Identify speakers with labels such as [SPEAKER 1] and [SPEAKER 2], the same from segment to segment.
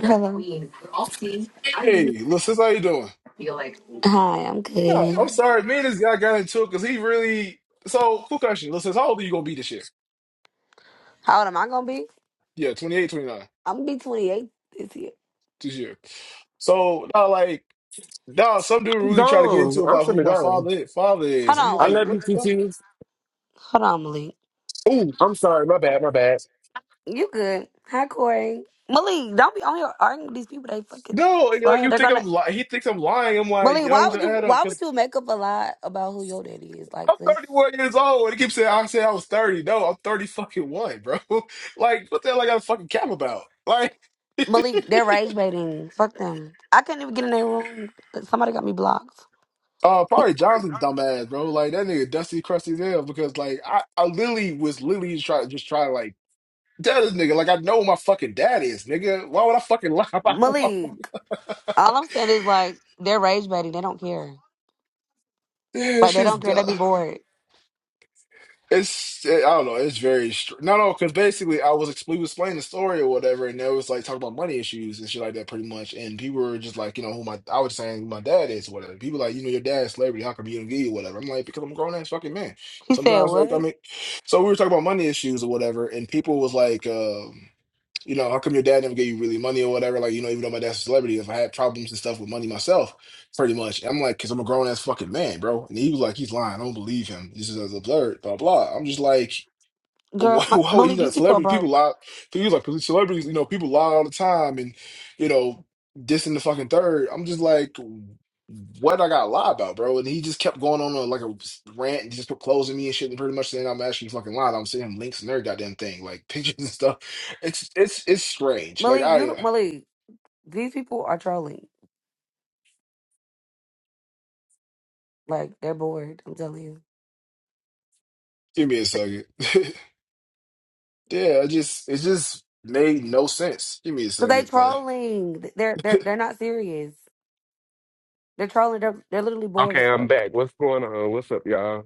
[SPEAKER 1] Hello. Hi, I'm
[SPEAKER 2] Hey, little sis, how you doing? No,
[SPEAKER 1] good.
[SPEAKER 2] I'm sorry. Me and this guy got into it because he really. So, cool question. Listen, how old are you gonna be this year?
[SPEAKER 1] How old am I gonna be?
[SPEAKER 2] Yeah, 28, 29
[SPEAKER 1] I'm gonna be 28 this year.
[SPEAKER 2] this year. So, now like, now some dude
[SPEAKER 3] I'm
[SPEAKER 2] really tried to get
[SPEAKER 3] gone.
[SPEAKER 2] into
[SPEAKER 3] I'm
[SPEAKER 2] about who
[SPEAKER 3] finna
[SPEAKER 2] my
[SPEAKER 3] go.
[SPEAKER 2] father is, father
[SPEAKER 1] Hold
[SPEAKER 2] is. I'm
[SPEAKER 1] on,
[SPEAKER 3] I
[SPEAKER 2] like,
[SPEAKER 1] wait.
[SPEAKER 3] love you,
[SPEAKER 2] what the
[SPEAKER 3] TT.
[SPEAKER 2] fuck?
[SPEAKER 1] Hold on, Malik.
[SPEAKER 3] Ooh, I'm sorry. My bad. My bad.
[SPEAKER 1] You good? Hi, Corey. Malik, don't be on here arguing with these people. They fucking
[SPEAKER 2] No, and, like
[SPEAKER 1] slow.
[SPEAKER 2] you
[SPEAKER 1] They're
[SPEAKER 2] think
[SPEAKER 1] gonna.
[SPEAKER 2] I'm lying? He thinks I'm lying. I'm like,
[SPEAKER 1] Malik,
[SPEAKER 2] yo,
[SPEAKER 1] why
[SPEAKER 2] I'm
[SPEAKER 1] would
[SPEAKER 2] just
[SPEAKER 1] you?
[SPEAKER 2] add up
[SPEAKER 1] Why would
[SPEAKER 2] because
[SPEAKER 1] you make up a lie about who your daddy is? Like
[SPEAKER 2] I'm
[SPEAKER 1] this,
[SPEAKER 2] 31 years old, and he keeps saying I said I was 30. No, I'm 30 fucking one, bro. Like, what the hell I got a fucking cap about? like.
[SPEAKER 1] Malik. They're rage baiting. Fuck them. I can't even get in their room. Somebody got me blocked.
[SPEAKER 2] Uh, probably Johnson, dumbass, bro. Like that nigga dusty, crusty as hell. Because like I, I literally was literally try just try to like tell this nigga like I know who my fucking dad is, nigga. Why would I fucking lie about who my fuck-
[SPEAKER 1] Malik. All I'm saying is like they're rage baiting. They don't care.
[SPEAKER 2] Yeah, that
[SPEAKER 1] Like they
[SPEAKER 2] shit's
[SPEAKER 1] don't care. They
[SPEAKER 2] dumb.
[SPEAKER 1] be bored.
[SPEAKER 2] It's I don't know. It's very str- no, no. Because basically, I was ex- we was explaining the story or whatever, and they was like talking about money issues and shit like that, pretty much. And people were just like, you know, who my I was saying who my dad is or whatever. People like, you know, your dad's celebrity. How come you don't give you whatever? I'm like, because I'm a grown ass fucking man.
[SPEAKER 1] She said,
[SPEAKER 2] Sometimes,
[SPEAKER 1] "What,
[SPEAKER 2] like, I mean, so we were talking about money issues or whatever, and people was like, um, you know, how come your dad never gave you really money or whatever? Like, you know, even though my dad's a celebrity, if I had problems and stuff with money myself, pretty much. I'm like, because I'm a grown ass fucking man, bro. And he was like, he's lying. I don't believe him. This is absurd, blah, blah. I'm just like,
[SPEAKER 1] girl?
[SPEAKER 2] why
[SPEAKER 1] My,
[SPEAKER 2] why would
[SPEAKER 1] Malik,
[SPEAKER 2] he's
[SPEAKER 1] these
[SPEAKER 2] a
[SPEAKER 1] people are
[SPEAKER 2] celebrity? People
[SPEAKER 1] broke.
[SPEAKER 2] lie. He was like celebrities, you know, people lie all the time, and you know, this and the fucking third. I'm just like, what I got to lie about, bro? And he just kept going on a, like a rant, and just kept closing me and shit, and pretty much saying I'm actually fucking lying. I'm sending him links and every goddamn thing, like pictures and stuff. It's it's it's strange. Like
[SPEAKER 1] Malik,
[SPEAKER 2] I
[SPEAKER 1] you,
[SPEAKER 2] uh,
[SPEAKER 1] Malik, these people are trolling. Like they're bored. I'm telling you,
[SPEAKER 2] give me a second. Yeah, I just it just made no sense. Give me a
[SPEAKER 1] because they
[SPEAKER 2] second, like.
[SPEAKER 1] trolling. They're they're they're not serious. They're trolling. They're they're literally bored as
[SPEAKER 3] Okay, I'm
[SPEAKER 1] fuck.
[SPEAKER 3] back. What's going on? What's up, y'all?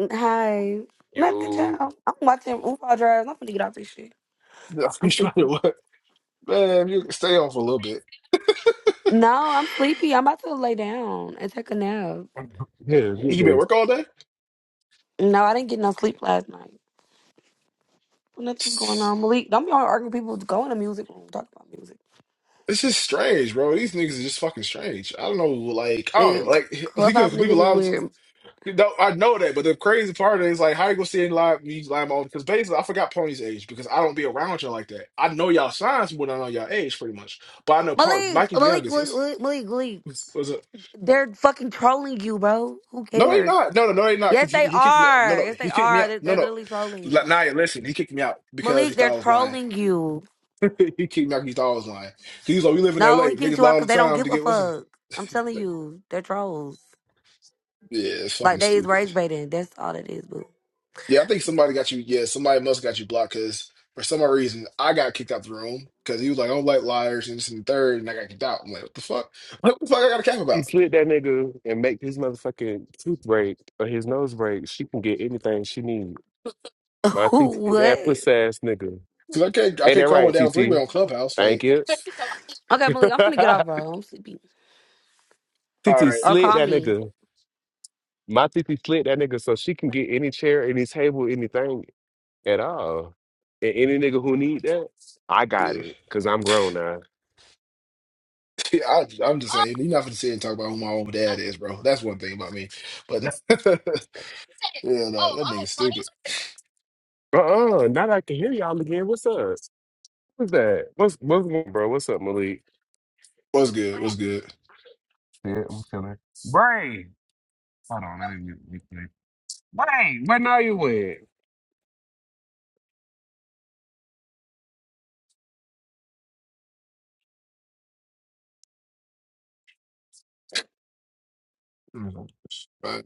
[SPEAKER 1] Mm, Hi, nothing,
[SPEAKER 3] Yo.
[SPEAKER 1] child. I'm watching RuPaul Drive. I'm gonna get off this shit. I'm
[SPEAKER 2] i trying to
[SPEAKER 1] sleepy.
[SPEAKER 2] what? Man, you can stay on for a little bit.
[SPEAKER 1] No, I'm sleepy. I'm about to lay down and take a nap.
[SPEAKER 3] Here, get
[SPEAKER 2] You been at
[SPEAKER 3] this.
[SPEAKER 2] work all day?
[SPEAKER 1] No, I didn't get no sleep last night. Nothing's going on, Malik. Don't be on arguing with people. Go in the music room. Talk about music.
[SPEAKER 2] It's just strange, bro. These niggas are just fucking strange. I don't know, like I don't know,
[SPEAKER 1] Nigga, c-
[SPEAKER 2] like we
[SPEAKER 1] clubhouse
[SPEAKER 2] could we were
[SPEAKER 1] niggas is
[SPEAKER 2] live.
[SPEAKER 1] weird.
[SPEAKER 2] No, I know that, but the crazy part is like how you gonna see in live me live on because basically I forgot Pony's age because I don't be around y'all like that. I know y'all signs more than I know y'all age, pretty much. But I know Pony,
[SPEAKER 1] Malik,
[SPEAKER 2] Mikey's
[SPEAKER 1] Malik,
[SPEAKER 2] youngest. What's
[SPEAKER 1] Malik, Malik, Malik.
[SPEAKER 2] what's, what's up?
[SPEAKER 1] They're fucking trolling you, bro. Who
[SPEAKER 2] No, he
[SPEAKER 1] cares?
[SPEAKER 2] not. No, no, no, he not.
[SPEAKER 1] Yes,
[SPEAKER 2] 'cause he,
[SPEAKER 1] they
[SPEAKER 2] he kicked me. out. No,
[SPEAKER 1] are.
[SPEAKER 2] no,
[SPEAKER 1] Yes, they
[SPEAKER 2] he kicked me
[SPEAKER 1] are.
[SPEAKER 2] out.
[SPEAKER 1] They're,
[SPEAKER 2] No,
[SPEAKER 1] they're
[SPEAKER 2] no.
[SPEAKER 1] literally
[SPEAKER 2] Like,
[SPEAKER 1] trolling.
[SPEAKER 2] Naya, listen, he kicked me out because he
[SPEAKER 1] Malik,
[SPEAKER 2] thought
[SPEAKER 1] they're
[SPEAKER 2] I was lying.
[SPEAKER 1] trolling you.
[SPEAKER 2] he kicked me out because He thought I was lying. He was like, we live in
[SPEAKER 1] No,
[SPEAKER 2] L.A.
[SPEAKER 1] he kicked
[SPEAKER 2] Niggas
[SPEAKER 1] you
[SPEAKER 2] lie
[SPEAKER 1] out
[SPEAKER 2] all the
[SPEAKER 1] because they don't
[SPEAKER 2] time
[SPEAKER 1] give
[SPEAKER 2] to
[SPEAKER 1] a
[SPEAKER 2] get listen.
[SPEAKER 1] fuck. I'm telling you, they're trolls.
[SPEAKER 2] Yeah, it's
[SPEAKER 1] Like,
[SPEAKER 2] fucking
[SPEAKER 1] they is
[SPEAKER 2] stupid.
[SPEAKER 1] rage baiting. That's all it is, boo.
[SPEAKER 2] Yeah, I think somebody got you. Yeah, somebody must got you blocked because for some odd reason I got kicked out the room because he was like, "I don't like liars," and this and the third, and I got kicked out. I'm like, "What the fuck? What the fuck? I got a cap
[SPEAKER 3] She
[SPEAKER 2] about?"
[SPEAKER 3] slid that nigga and make his motherfucking tooth break or his nose break. She can get anything she needs. My TT, hit
[SPEAKER 1] what?
[SPEAKER 3] that pussy ass nigga.
[SPEAKER 2] Because I can't, I
[SPEAKER 3] Ain't
[SPEAKER 2] can't
[SPEAKER 3] that
[SPEAKER 2] call one
[SPEAKER 3] right,
[SPEAKER 2] down three way
[SPEAKER 3] TT?
[SPEAKER 2] on Clubhouse.
[SPEAKER 3] Thank
[SPEAKER 2] Like,
[SPEAKER 3] you.
[SPEAKER 1] Okay, Malik, I'm finna get off, bro. I'm sleepy.
[SPEAKER 2] all
[SPEAKER 3] TT
[SPEAKER 2] right,
[SPEAKER 1] Or
[SPEAKER 3] slid
[SPEAKER 1] call
[SPEAKER 3] that
[SPEAKER 1] me.
[SPEAKER 3] nigga. My TT slid that nigga so she can get any chair, any table, anything at all. And any nigga who need that, I got
[SPEAKER 2] yeah.
[SPEAKER 3] it because I'm grown now.
[SPEAKER 2] I, I'm just saying, you're not gonna sit and talk about who my own dad is, bro. That's one thing about me. But yeah, no, that nigga's stupid.
[SPEAKER 3] Uh uh now that I can hear y'all again. What's up? What's that? What's what's going on, bro? What's up, Malik?
[SPEAKER 2] What's good? What's good?
[SPEAKER 3] Yeah, I'm feeling. Bray, hold on, let me mute. Bray, where now you at?
[SPEAKER 2] Mhm. But,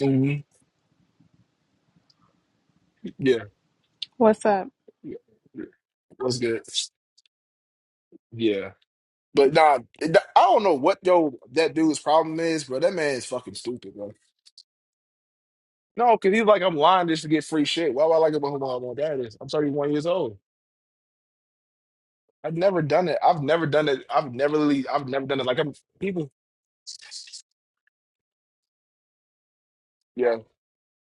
[SPEAKER 2] mhm, Yeah,
[SPEAKER 4] What's up?
[SPEAKER 2] yeah. What's good? Yeah. But nah, it- I don't know what though that dude's problem is, bro. That man is fucking stupid, bro. No, because he's like, I'm lying just to get free shit. Why would I like about who my mom dad is? I'm 31 years old. I've never done it. I've never done it. I've never really. I've never done it. Like I'm people. Yeah.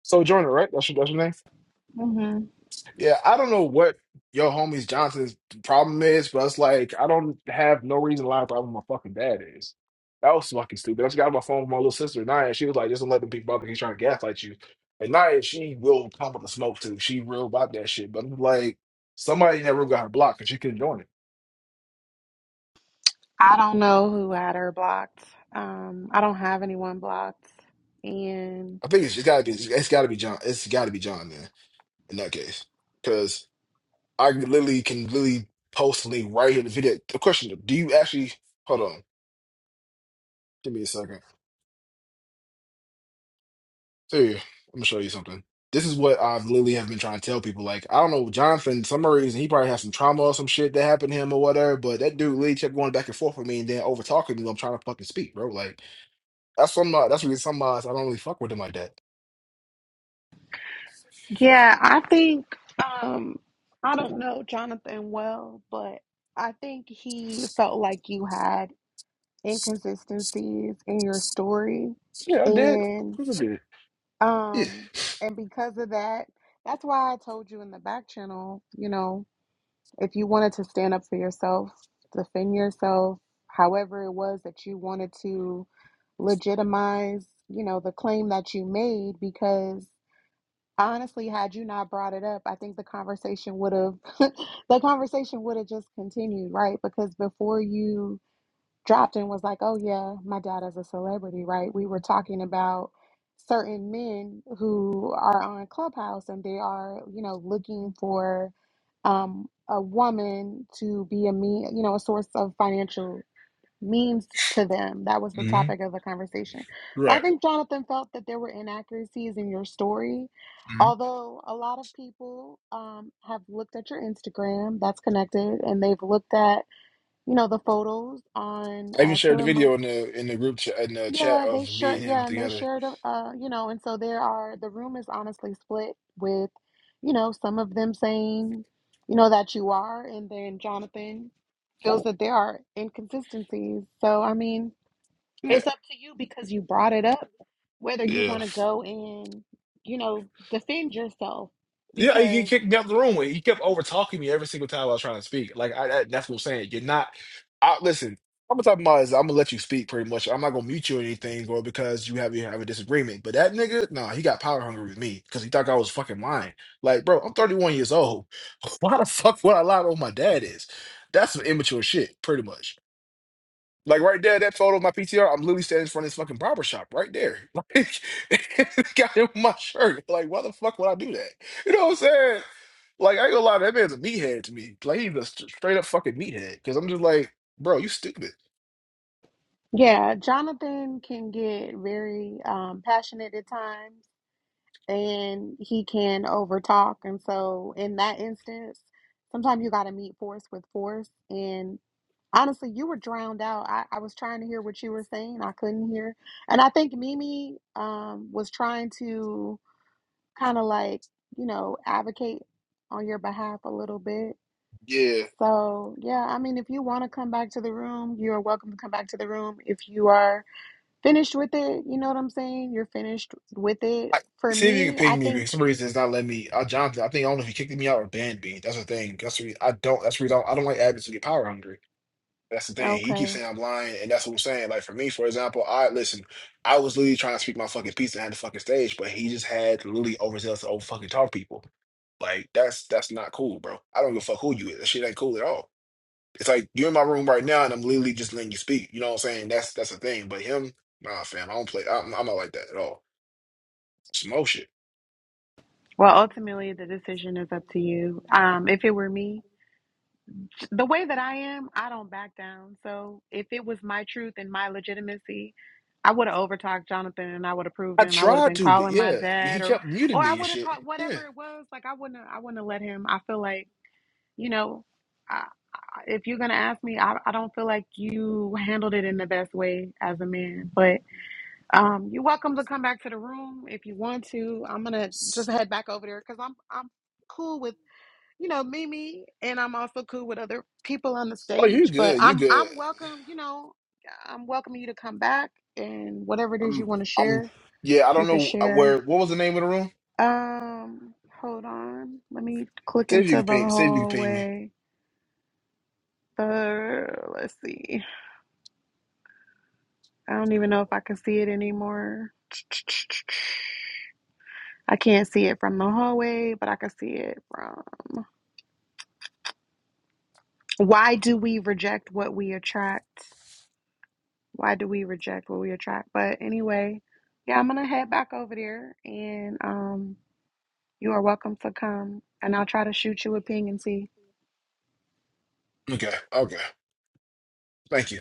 [SPEAKER 2] So Jordan, right? That's your, that's your name.
[SPEAKER 4] hmm
[SPEAKER 2] Yeah, I don't know what your homies Johnson's problem is, but it's like I don't have no reason to lie about who my fucking dad is. That was fucking stupid. I just got on my phone with my little sister Naya, and she was like, "Just don't let them people bother. you. He's trying to gaslight you." And Naya, she will come with the smoke too. She real about that shit. But I'm like, somebody in that room got her blocked, and she couldn't join it.
[SPEAKER 4] I don't know who had her blocked. Um, I don't have anyone blocked. And
[SPEAKER 2] I think it's just gotta be it's gotta be John. It's gotta be John then in that case. Cause I literally can literally post a link right here in the video. The question do you actually hold on, give me a second. Here, I'm gonna show you something. This is what I've literally have been trying to tell people. Like, I don't know, Jonathan, some reason he probably had some trauma or some shit that happened to him or whatever, but that dude literally kept going back and forth with me and then over talking to me I'm trying to fucking speak, bro. Like that's some uh, that's really some odds I don't really fuck with him like that.
[SPEAKER 4] yeah, I think um, I don't know Jonathan well, but I think he felt like you had inconsistencies in your story.
[SPEAKER 2] Yeah, I did. Of
[SPEAKER 4] And
[SPEAKER 2] course I did. Yeah.
[SPEAKER 4] um, and because of that, that's why I told you in the back channel, you know, If you wanted to stand up for yourself, defend yourself, however it was that you wanted to legitimize, you know, the claim that you made because honestly had you not brought it up, I think the conversation would have the conversation would have just continued, right? Because before you dropped and was like, "Oh yeah, my dad is a celebrity, right?" We were talking about certain men who are on Clubhouse and they are, you know, looking for um, a woman to be a me, you know, a source of financial means to them. That was the
[SPEAKER 2] hmm
[SPEAKER 4] topic of the conversation. I
[SPEAKER 2] Right.
[SPEAKER 4] think Jonathan felt that there were inaccuracies in your story.
[SPEAKER 2] hmm
[SPEAKER 4] Although a lot of people um, have looked at your Instagram, that's connected, and they've looked at you know, the photos on
[SPEAKER 2] I even
[SPEAKER 4] uh,
[SPEAKER 2] shared the
[SPEAKER 4] Killer
[SPEAKER 2] video in
[SPEAKER 4] Mike's.
[SPEAKER 2] the in the group chat in the chat
[SPEAKER 4] Yeah, they
[SPEAKER 2] of me
[SPEAKER 4] sure.
[SPEAKER 2] and him
[SPEAKER 4] Yeah, and they
[SPEAKER 2] together.
[SPEAKER 4] shared. a- Uh, you know, and so there are the room is honestly split with, you know, some of them saying, you know, that you are, and then Jonathan feels that there are inconsistencies. So I mean,
[SPEAKER 2] Yeah.
[SPEAKER 4] it's up to you because you brought it up whether you
[SPEAKER 2] Yeah.
[SPEAKER 4] want to go and, you know, defend yourself
[SPEAKER 2] Yeah, he he
[SPEAKER 4] because
[SPEAKER 2] kicked me out the room when he kept over talking me every single time I was trying to speak. Like I, I that's what I'm saying. You're not. I, listen, I'm gonna talk about is I'm gonna let you speak pretty much. I'm not gonna mute you or anything, or because you have you have a disagreement. But that nigga, nah, he got power hungry with me because he thought I was fucking lying. Like, bro, I'm 31 years old. Why the fuck would I lie to what my dad is? That's some immature shit, pretty much. Like right there, that photo of my PTR, I'm literally standing in front of this fucking barber shop right there. Like, got him my shirt. Like, why the fuck would I do that? You know what I'm saying? Like, I ain't gonna lie, that man's a meathead to me. Like, he's a st- straight up fucking meathead. Because I'm just like, bro, you stupid.
[SPEAKER 4] yeah, Jonathan can get very um, passionate at times and he can overtalk. And so, in that instance, sometimes you got to meet force with force. And honestly, you were drowned out. I, I was trying to hear what you were saying, I couldn't hear. And I think Mimi um, was trying to kind of like, you know, advocate on your behalf a little bit.
[SPEAKER 2] Yeah.
[SPEAKER 4] So, yeah, I mean, if you want to come back to the room, you're welcome to come back to the room. If you are finished with it, you know what I'm saying? You're finished with it.
[SPEAKER 2] I,
[SPEAKER 4] For
[SPEAKER 2] see if you can
[SPEAKER 4] me, I
[SPEAKER 2] ping me. because
[SPEAKER 4] think.
[SPEAKER 2] For some reason, it's not letting me. Uh, Jonathan, I think I don't know if he kicked me out or banned me. That's the thing. That's the reason I don't. That's the reason I don't, I don't like admins to get power hungry. That's the thing. He
[SPEAKER 4] Okay.
[SPEAKER 2] keeps saying I'm lying, and that's what I'm saying. Like for me, for example, I listen. I was literally trying to speak my fucking piece and had the fucking stage, but he just had to literally overzealous to over fucking talk people. Like that's that's not cool, bro. I don't give a fuck who you is. That shit ain't cool at all. It's like you're in my room right now, and I'm literally just letting you speak. You know what I'm saying? That's that's the thing. But him, nah, fam, I don't play. I'm, I'm not like that at all. Smoke shit.
[SPEAKER 4] Well, ultimately, the decision is up to you. Um, if it were me, the way that I am, I don't back down. So if it was my truth and my legitimacy, I would have overtalked Jonathan and I would have proved
[SPEAKER 2] I
[SPEAKER 4] him. I would have
[SPEAKER 2] tried
[SPEAKER 4] been
[SPEAKER 2] to, but
[SPEAKER 4] calling my
[SPEAKER 2] yeah,
[SPEAKER 4] dad
[SPEAKER 2] he
[SPEAKER 4] or,
[SPEAKER 2] kept muting
[SPEAKER 4] or I
[SPEAKER 2] me and
[SPEAKER 4] would have
[SPEAKER 2] shit.
[SPEAKER 4] called
[SPEAKER 2] Yeah.
[SPEAKER 4] whatever it was. Like I wouldn't, I wouldn't have let him. I feel like, you know, I, I, if you're going to ask me, I, I don't feel like you handled it in the best way as a man, but um, you're welcome to come back to the room if you want to. I'm gonna just head back over there because I'm I'm cool with you know Mimi, and I'm also cool with other people on the
[SPEAKER 2] Oh, you
[SPEAKER 4] stage. But
[SPEAKER 2] good? You
[SPEAKER 4] I'm
[SPEAKER 2] good?
[SPEAKER 4] I'm welcome. You know, I'm welcoming you to come back and whatever it is you
[SPEAKER 2] I'm.
[SPEAKER 4] want to
[SPEAKER 2] I'm.
[SPEAKER 4] share,
[SPEAKER 2] Yeah, I
[SPEAKER 4] you
[SPEAKER 2] don't
[SPEAKER 4] can
[SPEAKER 2] know uh,
[SPEAKER 4] share.
[SPEAKER 2] where. What was the name of the room?
[SPEAKER 4] Um, hold on, let me click
[SPEAKER 2] See if you
[SPEAKER 4] into
[SPEAKER 2] can
[SPEAKER 4] the
[SPEAKER 2] ping. See if you can ping me.
[SPEAKER 4] hallway. Uh, let's see. I don't even know if I can see it anymore. I can't see it from the hallway, but I can see it from. Why do we reject what we attract? Why do we reject what we attract? But anyway, yeah, I'm gonna head back over there, and um, you are welcome to come, and I'll try to shoot you a ping and see.
[SPEAKER 2] Okay. Okay. Thank you.